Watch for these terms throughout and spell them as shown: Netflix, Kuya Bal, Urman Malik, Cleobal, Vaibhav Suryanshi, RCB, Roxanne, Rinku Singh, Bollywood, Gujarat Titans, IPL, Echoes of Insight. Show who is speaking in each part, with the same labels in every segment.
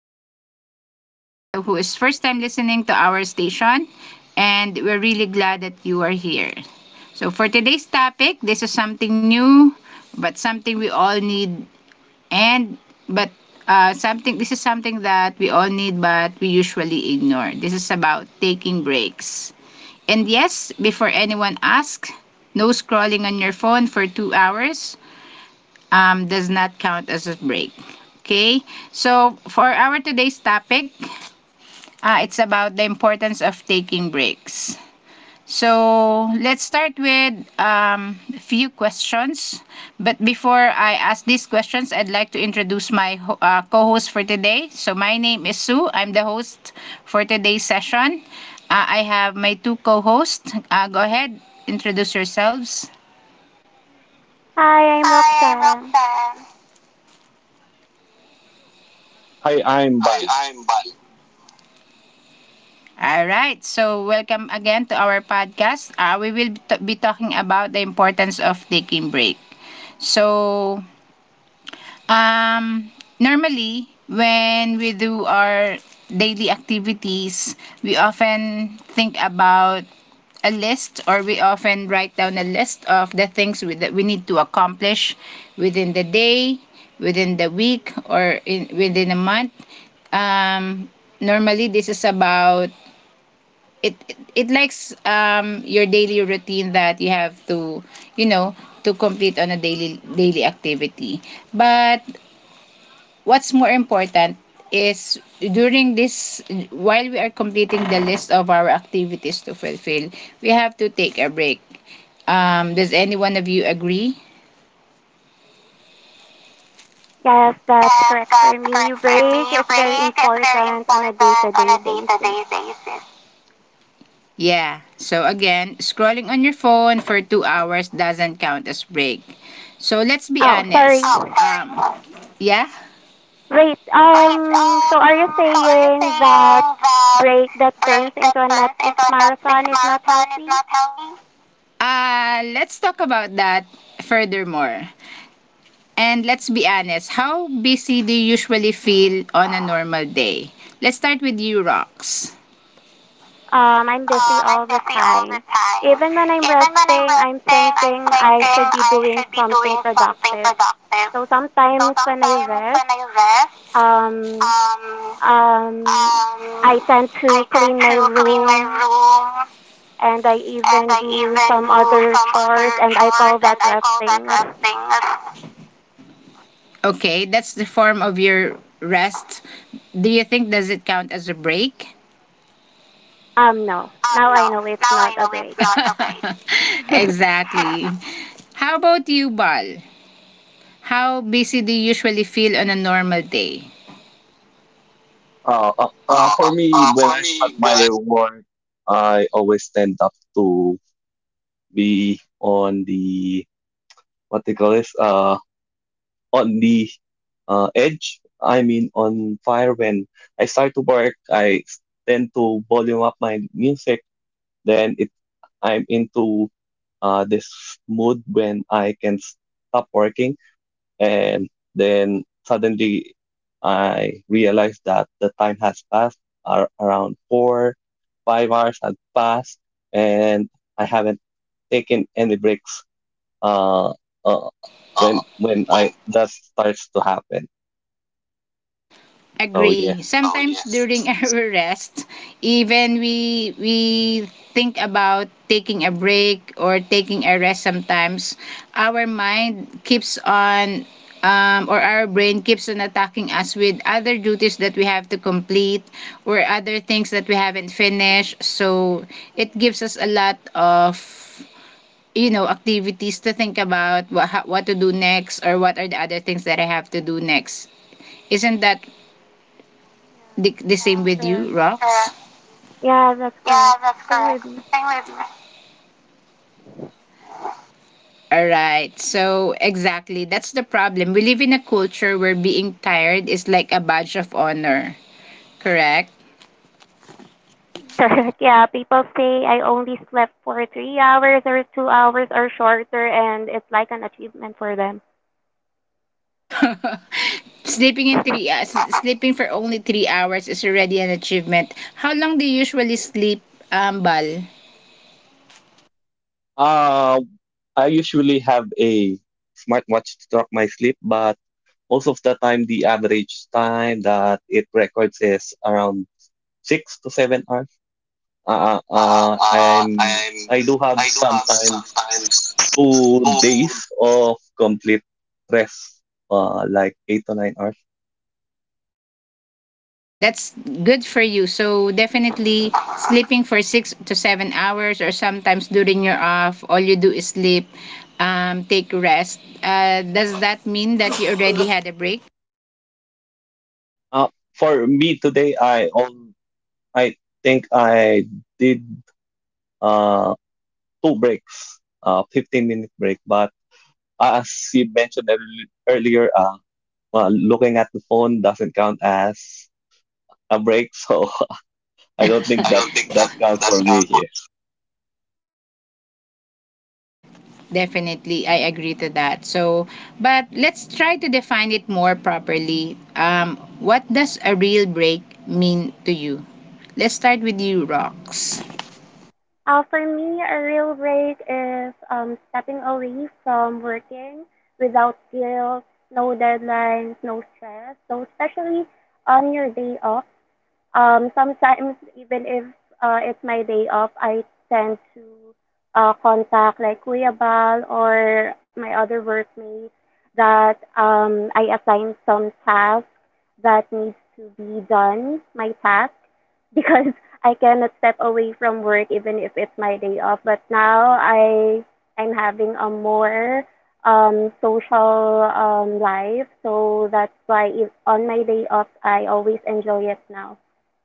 Speaker 1: welcome to everyone who is first time listening to our station. And we're really glad that you are here. So for today's topic, this is something new, but something we all need and but something this is something that we all need but we usually ignore. This is about taking breaks. And yes, before anyone asks, no scrolling on your phone for 2 hours does not count as a break. Okay, so for our today's topic, it's about the importance of taking breaks. So let's start with a few questions. But before I ask these questions, I'd like to introduce my co-host for today. So my name is Sue. I'm the host for today's session. I have my two co-hosts. Go ahead, introduce yourselves.
Speaker 2: Hi, I'm
Speaker 1: Hi, I'm
Speaker 2: Roxanne.
Speaker 1: Roxanne.
Speaker 3: Hi, I'm Bal.
Speaker 1: Hi, I'm Bal. All right. So welcome again to our podcast. We be talking about the importance of taking break. So Um, normally, when we do our daily activities, we often think about a list or we often write down a list of that we need to accomplish within the day, within the week, or within a month. Um, Normally, this is about it likes your daily routine that you have to, you know, to complete on a daily daily activity. But what's more important is during this while we are completing the list of our activities to fulfill, we have to take a break. Does any one of you agree?
Speaker 2: Yes, that's
Speaker 1: Yes,
Speaker 2: correct for
Speaker 1: that's
Speaker 2: me.
Speaker 1: correct for
Speaker 2: Break
Speaker 1: me.
Speaker 2: is very
Speaker 1: Break is very
Speaker 2: important on a
Speaker 1: important on
Speaker 2: day-to-day
Speaker 1: a
Speaker 2: basis.
Speaker 1: day-to-day basis. Yeah, so again, scrolling on your phone for 2 hours doesn't count as break, so let's be
Speaker 2: Oh,
Speaker 1: honest.
Speaker 2: sorry.
Speaker 1: Um, yeah.
Speaker 2: Wait,
Speaker 1: Um,
Speaker 2: so are you
Speaker 1: so
Speaker 2: saying that
Speaker 1: again,
Speaker 2: break that turns into a Netflix
Speaker 1: into a Netflix
Speaker 2: marathon is not
Speaker 1: marathon is
Speaker 2: healthy?
Speaker 1: not healthy. Let's talk about that furthermore. And let's be honest, how busy do you usually feel on a normal day? Let's start with you, Rox.
Speaker 2: I'm busy all the
Speaker 1: Busy all the
Speaker 2: time.
Speaker 1: time.
Speaker 2: Even when I'm
Speaker 1: If
Speaker 2: resting, I'm
Speaker 1: thing I'm
Speaker 2: thinking I
Speaker 1: thinking,
Speaker 2: should be
Speaker 1: I
Speaker 2: doing something
Speaker 1: don't think
Speaker 2: productive.
Speaker 1: productive.
Speaker 2: So
Speaker 1: So
Speaker 2: sometimes when I
Speaker 1: sometimes
Speaker 2: rest,
Speaker 1: I rest,
Speaker 2: um,
Speaker 1: um,
Speaker 2: Um,
Speaker 1: um,
Speaker 2: I tend to
Speaker 1: I
Speaker 2: clean my room,
Speaker 1: room,
Speaker 2: and I
Speaker 1: and
Speaker 2: even
Speaker 1: I
Speaker 2: do
Speaker 1: even
Speaker 2: some
Speaker 1: do
Speaker 2: other
Speaker 1: some other
Speaker 2: chores and I call
Speaker 1: chores
Speaker 2: that resting.
Speaker 1: at resting. Okay, that's the form of your rest. Do you think does it count as a break?
Speaker 2: No, now
Speaker 1: No,
Speaker 2: I know it's not a break.
Speaker 1: not always.
Speaker 2: Yeah,
Speaker 1: Exactly. How about you, Bal? How busy do you usually feel on a normal day? Uh, uh,
Speaker 3: For me, when
Speaker 1: for
Speaker 3: I
Speaker 1: me,
Speaker 3: start my work, I always stand up to be on the what they call this on the edge. I mean, on fire. When I start to work, I tend to volume up my music. Then I'm into this mood when I can stop working. And then suddenly I realized that the time has passed. Around 4, 5 hours had passed, and I haven't taken any breaks. Uh, uh,
Speaker 1: uh,
Speaker 3: when
Speaker 1: when
Speaker 3: I that starts to happen. So
Speaker 1: Agree. Oh,
Speaker 3: yes.
Speaker 1: sometimes yes. During our rest, even we think about taking a break or taking a rest sometimes, our mind keeps on, or our brain keeps on attacking us with other duties that we have to complete or other things that we haven't finished. So it gives us a lot of, you know, activities to think about what to do next, or what are the other things that I have to do next. Isn't that the same
Speaker 2: that's
Speaker 1: with you,
Speaker 2: correct.
Speaker 1: Rox? Sure.
Speaker 2: Yeah, that's
Speaker 1: Yeah,
Speaker 2: correct.
Speaker 1: that's
Speaker 2: Same
Speaker 1: correct.
Speaker 2: with me.
Speaker 1: Same with me. All right. So, exactly. That's the problem. We live in a culture where being tired is like a badge of honor. Correct?
Speaker 2: Correct. Yeah, people say I only slept for 3 hours or 2 hours or shorter, and it's like an achievement for them.
Speaker 1: Sleeping in sleeping for only 3 hours is already an achievement. How long do you usually sleep, Bal?
Speaker 3: Uh, I usually have a smartwatch to track my sleep, but most of the time the average time that it records is around 6 to 7 hours. Uh, uh, uh, I'm I
Speaker 1: I'm.
Speaker 3: do have
Speaker 1: I do have
Speaker 3: sometimes
Speaker 1: sometimes
Speaker 3: 2 days
Speaker 1: two.
Speaker 3: of complete rest, like 8 to 9 hours.
Speaker 1: That's good for you. So definitely sleeping for 6 to 7 hours, or sometimes during your off, all you do is sleep, take rest. Does that mean that you already had a break?
Speaker 3: Uh, for me today, I think I did uh two breaks, 15-minute break. But as you mentioned earlier, looking at the phone doesn't count as a break, so I don't
Speaker 1: I
Speaker 3: think that
Speaker 1: don't think
Speaker 3: that
Speaker 1: that.
Speaker 3: counts for
Speaker 1: That's not.
Speaker 3: me.
Speaker 1: Definitely, I agree to that. So, but let's try to define it more properly. What does a real break mean to you? Let's start with you, Rox.
Speaker 2: For me, a real break is stepping away from working without guilt, no deadlines, no stress. So, especially on your day off, sometimes even if it's my day off, I tend to contact like Kuya Bal or my other workmates that I assign some task that needs to be done, my task, because I cannot step away from work even if it's my day off. But now I'm having a more social life, so that's why if on my day off I always enjoy it now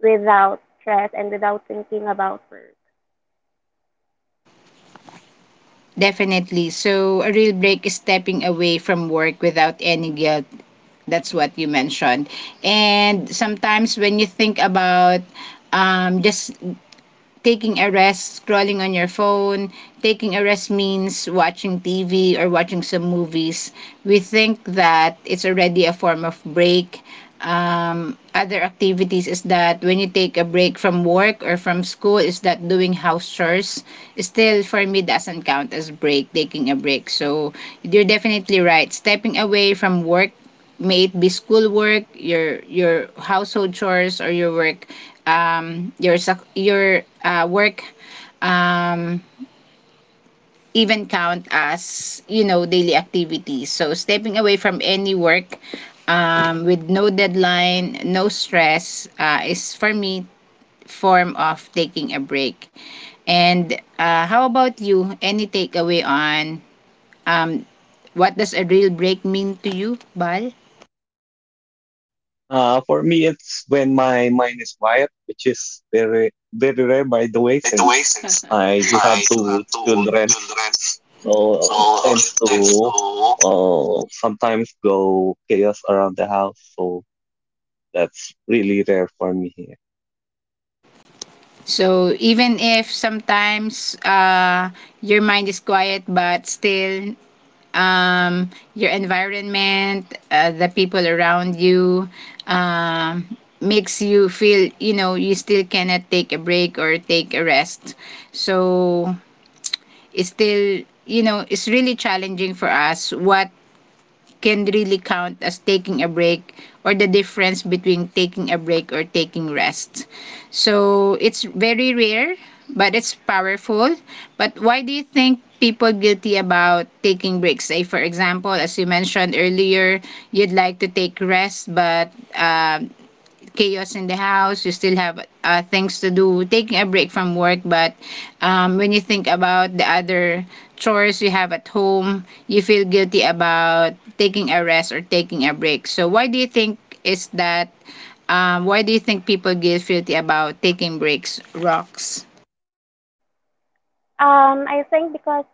Speaker 2: without stress and without thinking about work.
Speaker 1: Definitely. So a real break is stepping away from work without any guilt. That's what you mentioned. And sometimes when you think about, just taking a rest, scrolling on your phone. Taking a rest means watching TV or watching some movies. We think that it's already a form of break. Other activities is that when you take a break from work or from school, is that doing house chores. Still, for me, doesn't count as break, taking a break. So you're definitely right. Stepping away from work, may it be schoolwork, your household chores, or your work, your work, um, even count as, you know, daily activities. So stepping away from any work, with no deadline, no stress, is for me form of taking a break. And how about you? Any takeaway on, um, what does a real break mean to you, Bal?
Speaker 3: For me, it's when my mind is quiet, which is very, very rare, by the way,
Speaker 1: By the
Speaker 3: since
Speaker 1: way, since
Speaker 3: I do have
Speaker 1: I do
Speaker 3: two
Speaker 1: have two
Speaker 3: children.
Speaker 1: children,
Speaker 3: So
Speaker 1: so
Speaker 3: it
Speaker 1: it
Speaker 3: tends
Speaker 1: tends
Speaker 3: to
Speaker 1: to.
Speaker 3: sometimes go chaos around the house. So that's really rare for me here.
Speaker 1: So even if sometimes your mind is quiet, but still your environment, the people around you, um, makes you feel, you know, you still cannot take a break or take a rest. So it's still, you know, it's really challenging for us what can really count as taking a break, or the difference between taking a break or taking rest. So it's very rare, but it's powerful. But why do you think people guilty about taking breaks? Say, for example, as you mentioned earlier, you'd like to take rest, but chaos in the house, you still have things to do, taking a break from work, but when you think about the other chores you have at home, you feel guilty about taking a rest or taking a break. So why do you think is that? Why do you think people get guilty about taking breaks, Rocks?
Speaker 2: I think because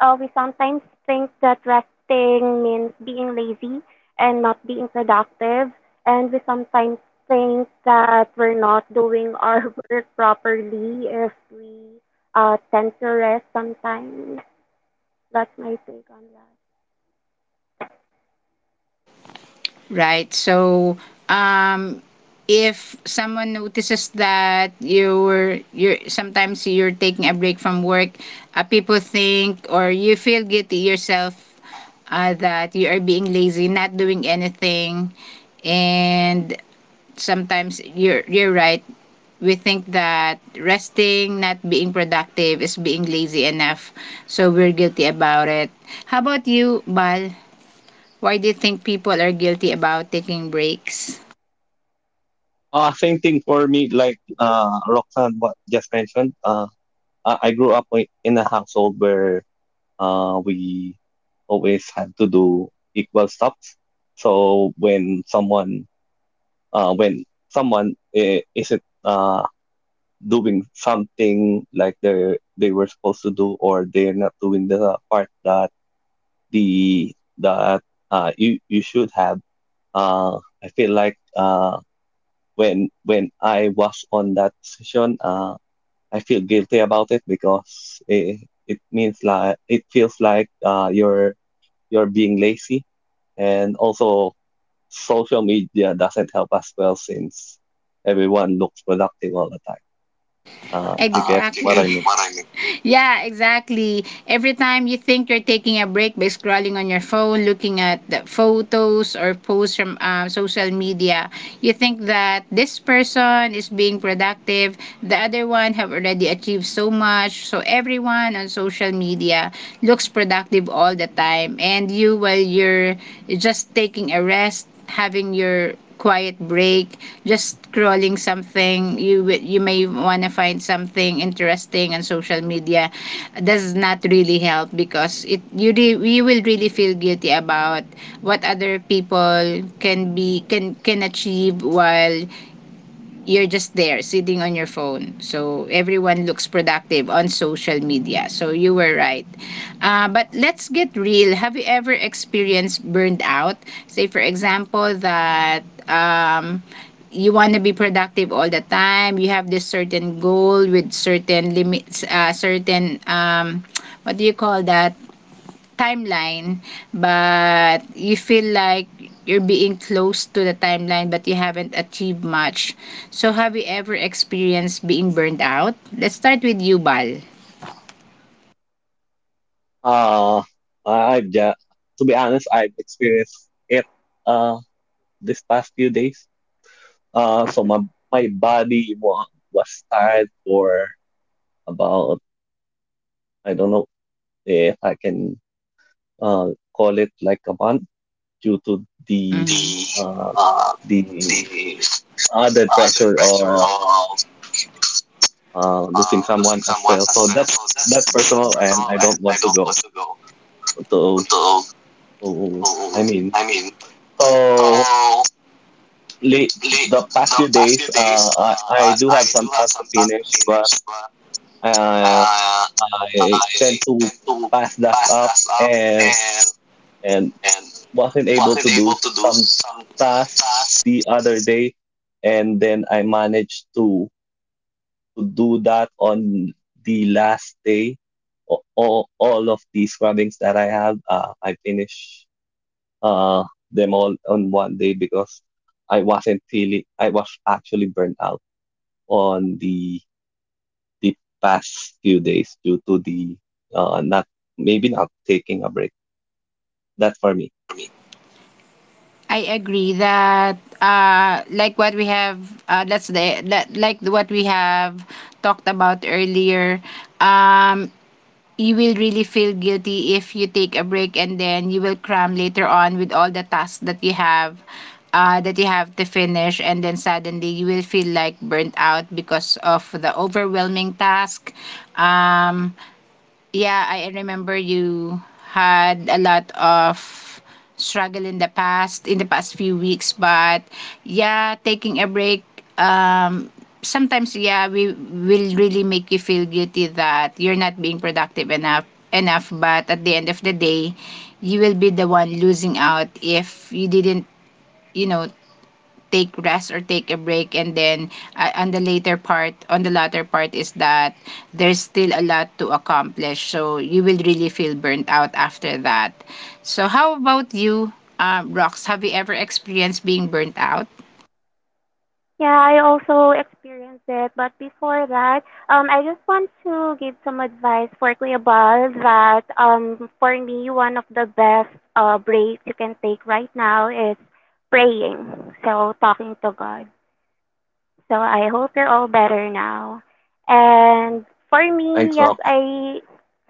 Speaker 2: we sometimes think that resting means being lazy and not being productive, and we sometimes think that we're not doing our work properly if we tend to rest sometimes. That's my take on that.
Speaker 1: Right. So, um, if someone notices that you're sometimes you're taking a break from work, people think or you feel guilty yourself that you are being lazy, not doing anything, and sometimes you're right. We think that resting, not being productive, is being lazy enough. So we're guilty about it. How about you, Bal? Why do you think people are guilty about taking breaks?
Speaker 3: Same thing for me, like Roxanne what just mentioned. I grew up in a household where we always had to do equal stuff. So when someone isn't doing something like they were supposed to do, or they're not doing the part that you should have. Uh, I feel like when I was on that session, I feel guilty about it because it means, like, it feels like you're being lazy, and also social media doesn't help us well since everyone looks productive all the time.
Speaker 1: You
Speaker 3: If you get
Speaker 1: Exactly.
Speaker 3: what
Speaker 1: get
Speaker 3: I mean.
Speaker 1: what I mean? Yeah, exactly. Every time you think you're taking a break by scrolling on your phone, looking at the photos or posts from, social media, you think that this person is being productive, the other one have already achieved so much. So everyone on social media looks productive all the time, and you, while you're just taking a rest, having your quiet break, just scrolling something, you may want to find something interesting on social media, does not really help because you will really feel guilty about what other people can be can achieve while you're just there sitting on your phone. So everyone looks productive on social media. So you were right. But let's get real. Have you ever experienced burned out? Say, for example, that. You want to be productive all the time, you have this certain goal with certain limits, certain, what do you call that, timeline, but you feel like you're being close to the timeline, but you haven't achieved much. So, have you ever experienced being burned out? Let's start with you, Bal.
Speaker 3: Uh, I've just, to be honest, I've experienced it uh, this past few days. So my body was tired for about, I don't know if I can uh, call it like a month, due to
Speaker 1: Due to Mhm. the Mhm.
Speaker 3: uh,
Speaker 1: The
Speaker 3: the other
Speaker 1: uh,
Speaker 3: pressure
Speaker 1: pressure
Speaker 3: of
Speaker 1: of,
Speaker 3: losing someone
Speaker 1: losing
Speaker 3: as
Speaker 1: someone
Speaker 3: well.
Speaker 1: as
Speaker 3: So
Speaker 1: well. So
Speaker 3: that's
Speaker 1: that's Mhm.
Speaker 3: personal, and I
Speaker 1: personal, and
Speaker 3: don't want
Speaker 1: I
Speaker 3: to
Speaker 1: don't want
Speaker 3: go
Speaker 1: to go
Speaker 3: to.
Speaker 1: to.
Speaker 3: to I
Speaker 1: To.
Speaker 3: mean,
Speaker 1: I mean,
Speaker 3: so
Speaker 1: so
Speaker 3: late,
Speaker 1: late,
Speaker 3: the past
Speaker 1: the
Speaker 3: few
Speaker 1: past
Speaker 3: days,
Speaker 1: few
Speaker 3: uh,
Speaker 1: days,
Speaker 3: I,
Speaker 1: uh,
Speaker 3: I
Speaker 1: I,
Speaker 3: do
Speaker 1: I
Speaker 3: have some
Speaker 1: do have
Speaker 3: tasks to
Speaker 1: some tasks to
Speaker 3: finish,
Speaker 1: finish,
Speaker 3: but
Speaker 1: but
Speaker 3: uh,
Speaker 1: Uh,
Speaker 3: I
Speaker 1: I
Speaker 3: tend to
Speaker 1: tend to
Speaker 3: pass that
Speaker 1: pass
Speaker 3: up
Speaker 1: that up
Speaker 3: and and
Speaker 1: and
Speaker 3: wasn't able
Speaker 1: wasn't
Speaker 3: to do
Speaker 1: able to do
Speaker 3: some
Speaker 1: some
Speaker 3: tasks
Speaker 1: tasks,
Speaker 3: the other day, and then I managed to do that on the last day. All of these runnings that I have, I finish uh, them all on one day because I wasn't feeling, I was actually burnt out on the past few days due to the not, maybe not, taking a break. That's for me.
Speaker 1: that for me. I agree that like what we have, that's the that like what we have talked about earlier. Um, you will really feel guilty if you take a break and then you will cram later on with all the tasks that you have, that you have to finish, and then suddenly you will feel like burnt out because of the overwhelming task, um, yeah, I remember you had a lot of struggle in the past few weeks, but yeah, taking a break, um, sometimes, yeah, we will really make you feel guilty that you're not being productive enough, but at the end of the day, you will be the one losing out if you didn't, you know, take rest or take a break, and then on the latter part is that there's still a lot to accomplish, so you will really feel burnt out after that. So how about you, Rox? Have you ever experienced being burnt out?
Speaker 2: Yeah, I also experienced it, but before that, I just want to give some advice for Cleobal that for me, one of the best breaks you can take right now is praying. So talking to God. So I hope you're all better now. And for me,
Speaker 3: Thanks,
Speaker 2: yes,
Speaker 3: Rob.
Speaker 2: I.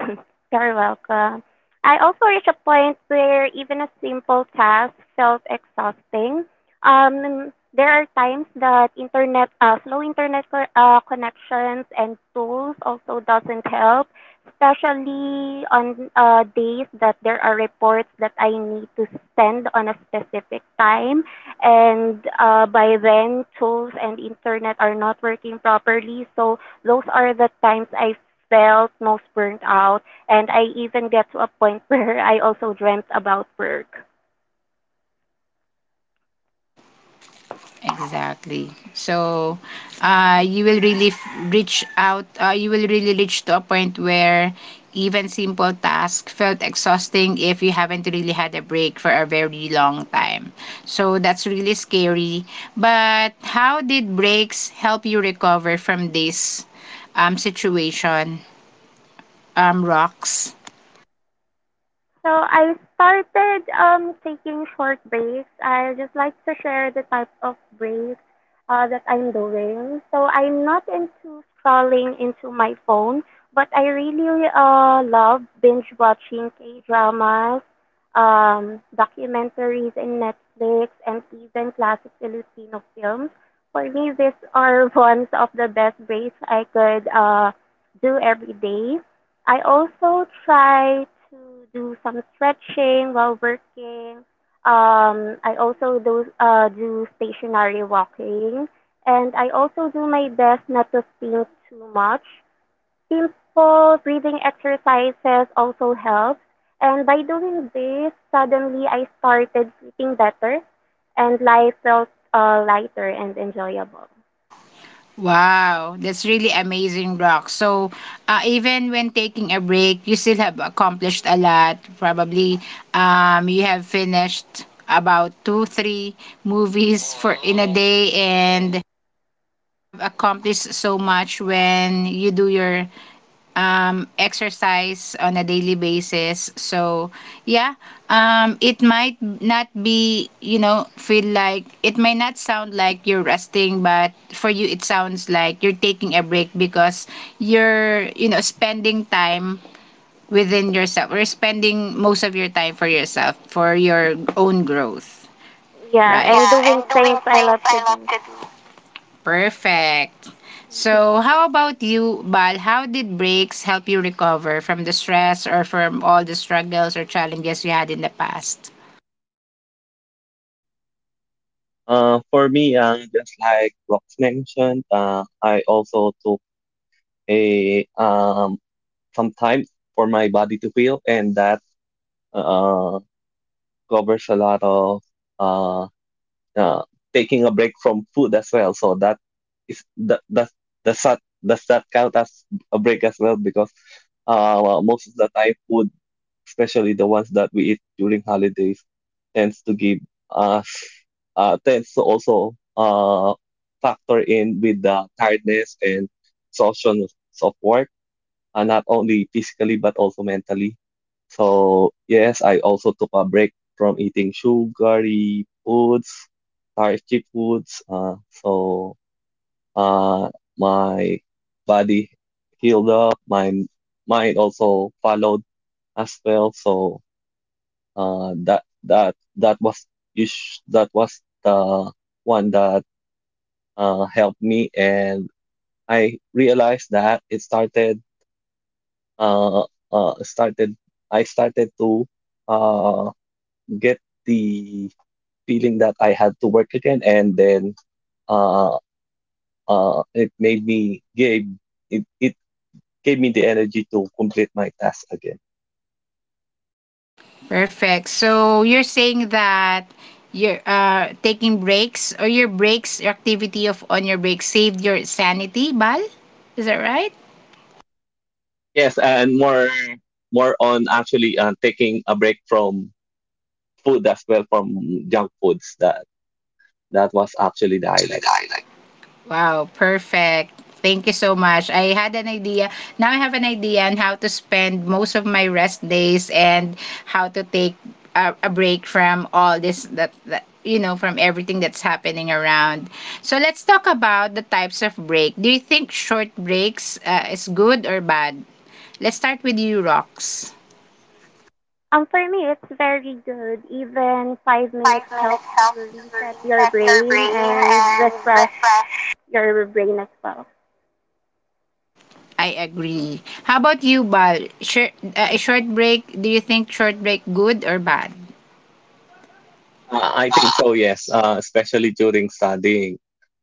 Speaker 2: You're welcome. I also reached a point where even a simple task felt exhausting. There are times that internet, slow internet connections and tools also doesn't help, especially on days that there are reports that I need to send on a specific time, and by then tools and internet are not working properly. So those are the times I felt most burnt out, and I even get to a point where I also dreamt about work.
Speaker 1: Exactly. So, you will really f- reach out, you will really reach to a point where even simple tasks felt exhausting if you haven't really had a break for a very long time. So, that's really scary. But, how did breaks help you recover from this, situation, Rocks?
Speaker 2: So I started taking short breaks. I just like to share the type of breaks that I'm doing. So I'm not into scrolling into my phone, but I really love binge watching K dramas, documentaries in Netflix, and even classic Filipino films. For me, these are ones of the best breaks I could do every day. I also try to do some stretching while working. I also do stationary walking, and I also do my best not to think too much. Simple breathing exercises also help, and by doing this, suddenly I started sleeping better, and life felt lighter and enjoyable.
Speaker 1: Wow, that's really amazing, Rock. So, even when taking a break, you still have accomplished a lot. Probably, you have finished about two, three movies for in a day, and have accomplished so
Speaker 2: Yeah,
Speaker 1: much when you do your exercise on a daily basis. So, yeah, it might not be, feel like it may not sound like you're resting, but for you, it sounds like you're taking a break because you're, spending time within yourself or spending most of your time for yourself, for your own growth,
Speaker 2: yeah,
Speaker 1: right?
Speaker 2: and
Speaker 1: Yeah,
Speaker 2: doing
Speaker 1: and doing
Speaker 2: things I
Speaker 1: things
Speaker 2: love to
Speaker 1: I
Speaker 2: do.
Speaker 1: love. Perfect.
Speaker 2: Mhm.
Speaker 1: So, how about you, Bal? How did breaks help you recover from the stress or from all the struggles or challenges you had in the past?
Speaker 3: For me, just like Rox mentioned, I also took a some time for my body to heal, and that uh, covers a lot of uh, uh, taking a break from food as well. So that is that does that does that count as a break as well? Because well, most of the time, food, especially the ones that we eat during holidays, tends to give us tends to also factor in with the tiredness and exhaustion of work, and not only physically but also mentally. So yes, I also took a break from eating sugary foods, starchy foods. So uh, my body healed up. My mind also followed as well. So uh, that that that was that was the one that helped me, and I realized that it uh, uh, started started to uh, get the feeling that I had to work again, and then uh, it made me gave it, it gave me the energy to complete my task again.
Speaker 1: Perfect. So, you're saying that you're taking breaks or your breaks, your activity of on your breaks saved your sanity, Bal? Is that right?
Speaker 3: Yes, and more on actually taking a break from food as well, from junk foods. That was
Speaker 1: Was
Speaker 3: actually the
Speaker 1: actually
Speaker 3: highlight.
Speaker 1: the highlight. Wow, perfect. Thank you so much. I had an idea. Now I have an idea on how to spend most of my rest days and how to take a break from all this that, that, from everything that's happening around. So let's talk about the types of break. Do you think short breaks is good or bad? Let's start with you, Rox.
Speaker 2: For me, it's very good. Even 5 minutes
Speaker 1: Five
Speaker 2: helps
Speaker 1: minutes
Speaker 2: to
Speaker 1: helps to
Speaker 2: reset your
Speaker 1: reset your
Speaker 2: brain
Speaker 1: brain
Speaker 2: and
Speaker 1: and
Speaker 2: refresh
Speaker 1: refresh.
Speaker 2: your brain as well.
Speaker 1: I agree. How about you, Bal? Short, a short break. Do you think short break good or bad?
Speaker 3: I think so. Yes, especially during studying.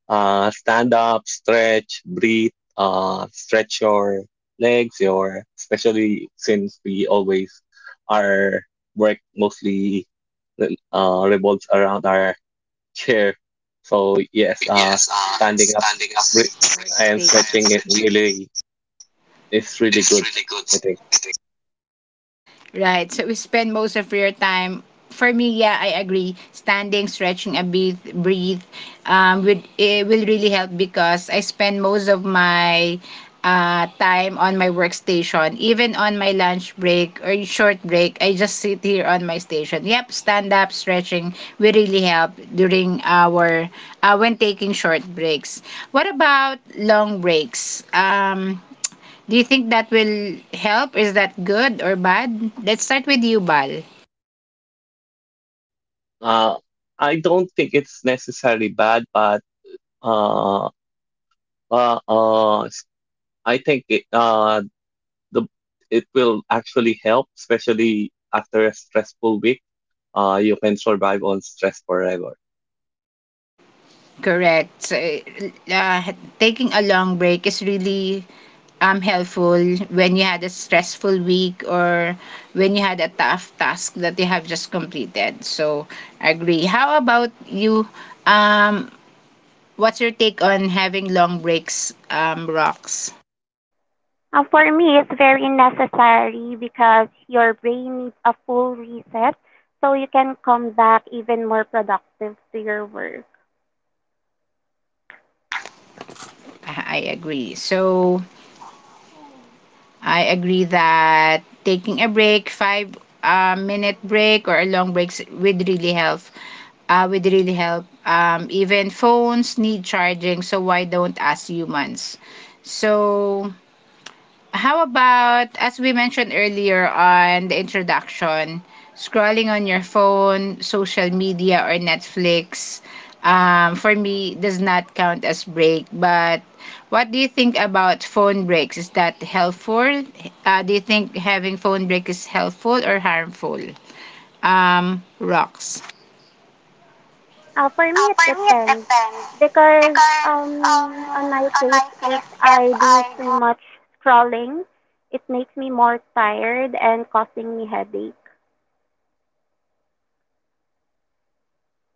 Speaker 3: Stand up, stretch, breathe, stretch your legs, especially since we always our work mostly revolves around our chair. So yes,
Speaker 1: Oh yes,
Speaker 3: standing up
Speaker 1: standing up,
Speaker 3: re- and
Speaker 1: workstation. I
Speaker 3: stretching
Speaker 1: am
Speaker 3: it
Speaker 1: stretching
Speaker 3: really is really good.
Speaker 1: is really
Speaker 3: I
Speaker 1: good.
Speaker 3: think.
Speaker 1: Right. So we spend most of your time. For me, yeah, I agree. Standing, stretching a bit, breathe, would it will really help because I spend most of my time on my workstation. Even on my lunch break or short break, I just sit here on my station. Yep, stand up, stretching will really help during our when taking short breaks. What about long breaks? Do you think that will help? Is that good or bad? Let's start with you, Bal.
Speaker 3: Uh, I don't think it's necessarily bad, but uh, uh, uh, s- I think the it will actually help, especially after a stressful week. You can survive on stress forever.
Speaker 1: Correct. So, uh, taking a long break is really helpful when you had a stressful week or when you had a tough task that you have just completed. So, agree. How about you? Um, what's your take on having long breaks? Rocks.
Speaker 2: For me, it's very necessary because your brain needs a full reset so you can come back even more productive to your work.
Speaker 1: I agree. So, I agree that taking a break, five minute break or a long break would really help. Would really help. Even phones need charging, so why don't us humans? So how about, as we mentioned earlier on the introduction, scrolling on your phone, social media, or Netflix, for me, does not count as break. But what do you think about phone breaks? Is that helpful? Do you think having phone break is helpful or harmful? Rocks.
Speaker 2: For me, it
Speaker 1: For me, it
Speaker 2: depends
Speaker 1: depends.
Speaker 2: because
Speaker 1: Because um,
Speaker 2: on my
Speaker 1: on
Speaker 2: case,
Speaker 1: my
Speaker 2: if
Speaker 1: case, if
Speaker 2: I do
Speaker 1: I do.
Speaker 2: too much scrolling, it makes me more tired and causing me headache.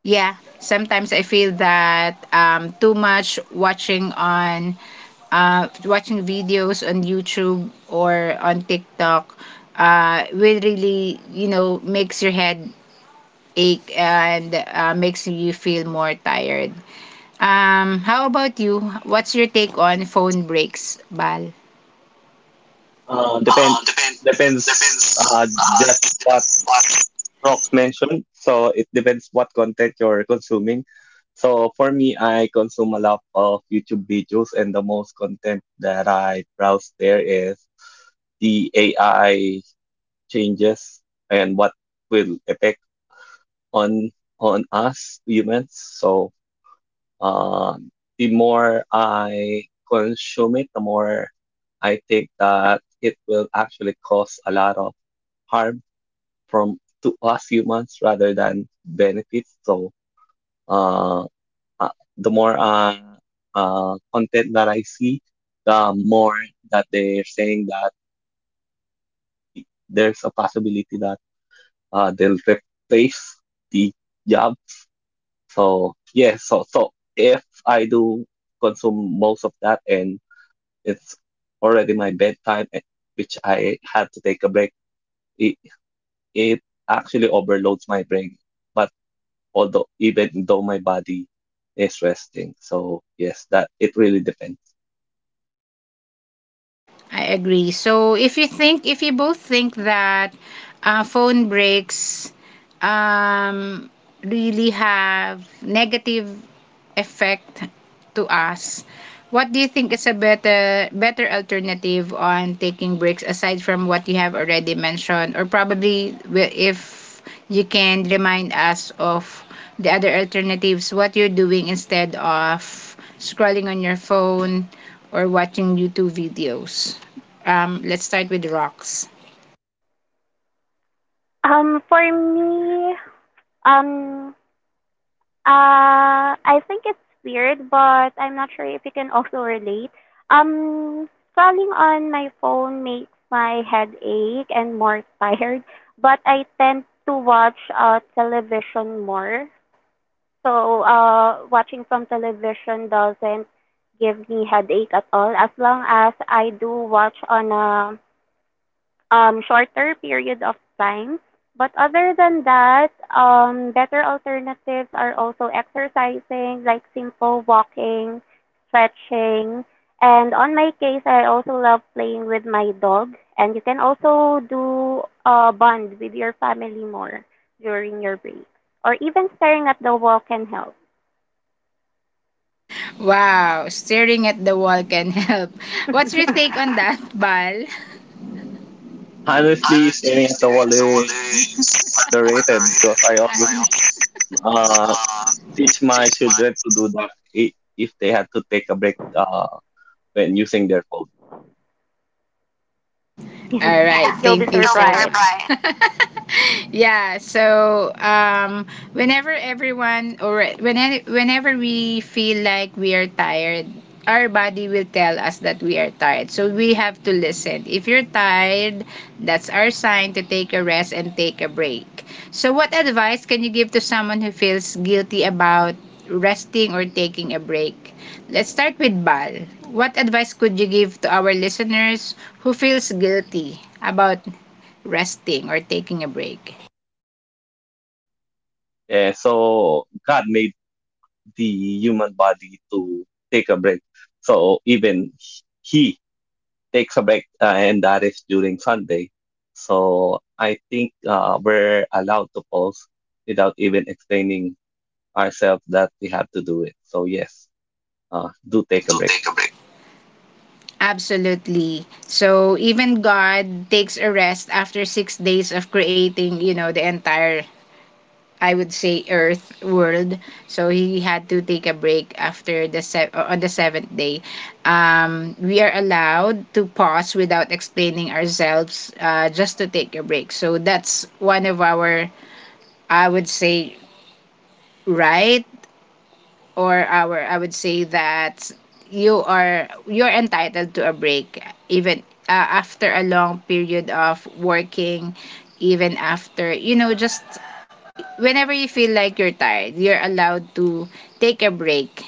Speaker 1: Yeah, sometimes I feel that too much watching on watching videos on YouTube or on TikTok will really makes your head ache and makes you feel more tired. How about you? What's your take on phone breaks, Bal?
Speaker 3: Uh, depend
Speaker 1: Um, depend
Speaker 3: Depends,
Speaker 1: Depends
Speaker 3: just what Rox mentioned. So it depends what content you're consuming. So for me, I consume a lot of YouTube videos, and the most content that I browse there is the AI changes and what will affect on on us humans. So Uh, the more I consume it, the more I think that it will actually cause a lot of harm from to us humans rather than benefits. So uh, the more content that I see, the more that they're saying that there's a possibility that they'll replace the job. So yeah, so if I do consume most of that and it's already my bedtime, eh, which I had to take a break. It, it actually overloads my brain, but although even though my body is resting, so yes, that it really depends.
Speaker 1: I agree. So if you think, if you both think that phone breaks um, really have negative effect to us, what do you think is a better alternative on taking breaks aside from what you have already mentioned, or probably if you can remind us of the other alternatives, what you're doing instead of scrolling on your phone or watching YouTube videos. Let's start with rocks.
Speaker 2: Um, for me, um, uh, I think it's weird, but I'm not sure if you can also relate. Um, Scrolling on my phone makes my head ache and more tired, but I tend to watch television more. So, watching from television doesn't give me headache at all as long as I do watch on a shorter period of time. But other than that, better alternatives are also exercising, like simple walking, stretching. And on my case, I also love playing with my dog. And you can also do bond with your family more during your break. Or even staring at the wall can help.
Speaker 1: Wow, staring at the wall can help. What's your take on that, Bal?
Speaker 3: Honestly,
Speaker 1: Honestly,
Speaker 3: staring at the
Speaker 1: staring
Speaker 3: wall
Speaker 1: at the wall
Speaker 3: is
Speaker 1: is
Speaker 3: underrated because
Speaker 1: underrated
Speaker 3: I
Speaker 1: because I
Speaker 3: always uh,
Speaker 1: uh,
Speaker 3: teach my
Speaker 1: teach my.
Speaker 3: children to do that if they had to take a break when using their phone.
Speaker 1: All
Speaker 2: Yeah,
Speaker 1: right. Yeah.
Speaker 2: you'll be
Speaker 1: Thank you. You'll so
Speaker 2: surprised.
Speaker 1: much. Yeah. So whenever everyone or whenever we feel like we are tired, our body will tell us that we are tired. So we have to listen. If you're tired, that's our sign to take a rest and take a break. So what advice can you give to someone who feels guilty about resting or taking a break? Let's start with Bal. What advice could you give to our listeners who feels guilty about resting or taking a break?
Speaker 3: Eh, so God made the human body to take a break. So even He takes a break and that is during Sunday. So I think we're allowed to pause without even explaining ourselves that we have to do it. So yes, do take a
Speaker 1: Do
Speaker 3: break.
Speaker 1: take a break. Absolutely. So even God takes a rest after 6 days of creating, you know, the entire, I would say, Earth world. So he had to take a break after the on the seventh day. We are allowed to pause without explaining ourselves, just to take a break. So that's one of our, I would say, right, or our, I would say that you're entitled to a break even after a long period of working, even after just whenever you feel like you're tired, you're allowed to take a break.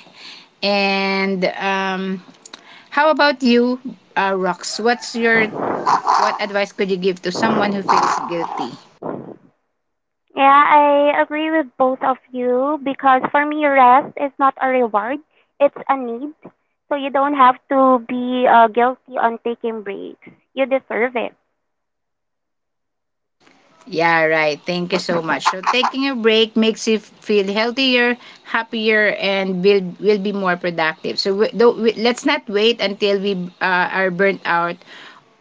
Speaker 1: And how about you, Rox? What's your, what advice could you give to someone who feels guilty?
Speaker 2: Yeah, I agree with both of you because for me, rest is not a reward, it's a need. So you don't have to be guilty on taking breaks. You deserve it.
Speaker 1: Yeah, right. Thank you so much. So taking a break makes you feel healthier, happier, and will be more productive. So we, do, we, let's not wait until we are burnt out,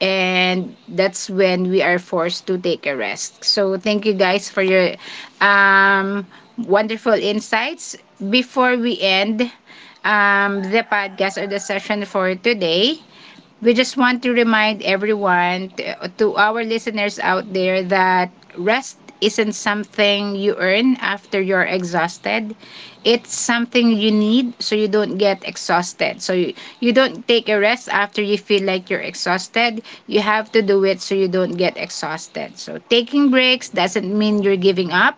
Speaker 1: and that's when we are forced to take a rest. So thank you guys for your um, wonderful insights. Before we end the podcast or the session for today, we just want to remind everyone, to our listeners out there, that rest isn't something you earn after you're exhausted. It's something you need so you don't get exhausted. So you don't take a rest after you feel like you're exhausted. You have to do it so you don't get exhausted. So taking breaks doesn't mean you're giving up.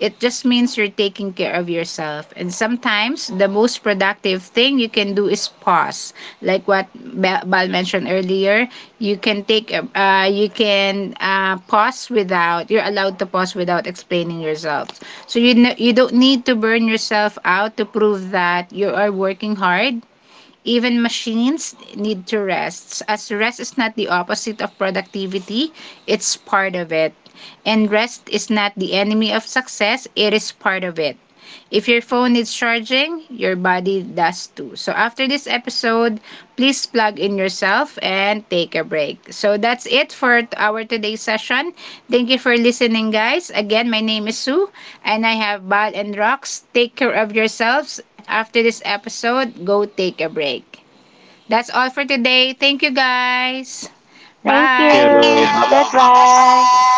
Speaker 1: It just means you're taking care of yourself. And sometimes the most productive thing you can do is pause. Like what Bal mentioned earlier, you can take you can pause without, you're allowed to pause without explaining yourself. So you don't need to burn yourself out to prove that you are working hard. Even machines need to rest, as rest is not the opposite of productivity, it's part of it. And rest is not the enemy of success, it is part of it. If your phone needs charging, your body does too. So after this episode, please plug in yourself and take a break. So that's it for our today's session. Thank you for listening, guys. Again, my name is Sue, and I have Bal and Rox. Take care of yourselves. After this episode, go take a break. That's all for today. Thank you guys.
Speaker 2: Thank
Speaker 1: Bye.
Speaker 3: Thank
Speaker 1: Thank you.
Speaker 3: you.
Speaker 2: you.
Speaker 3: Bye bye.
Speaker 2: Goodbye.
Speaker 1: Goodbye.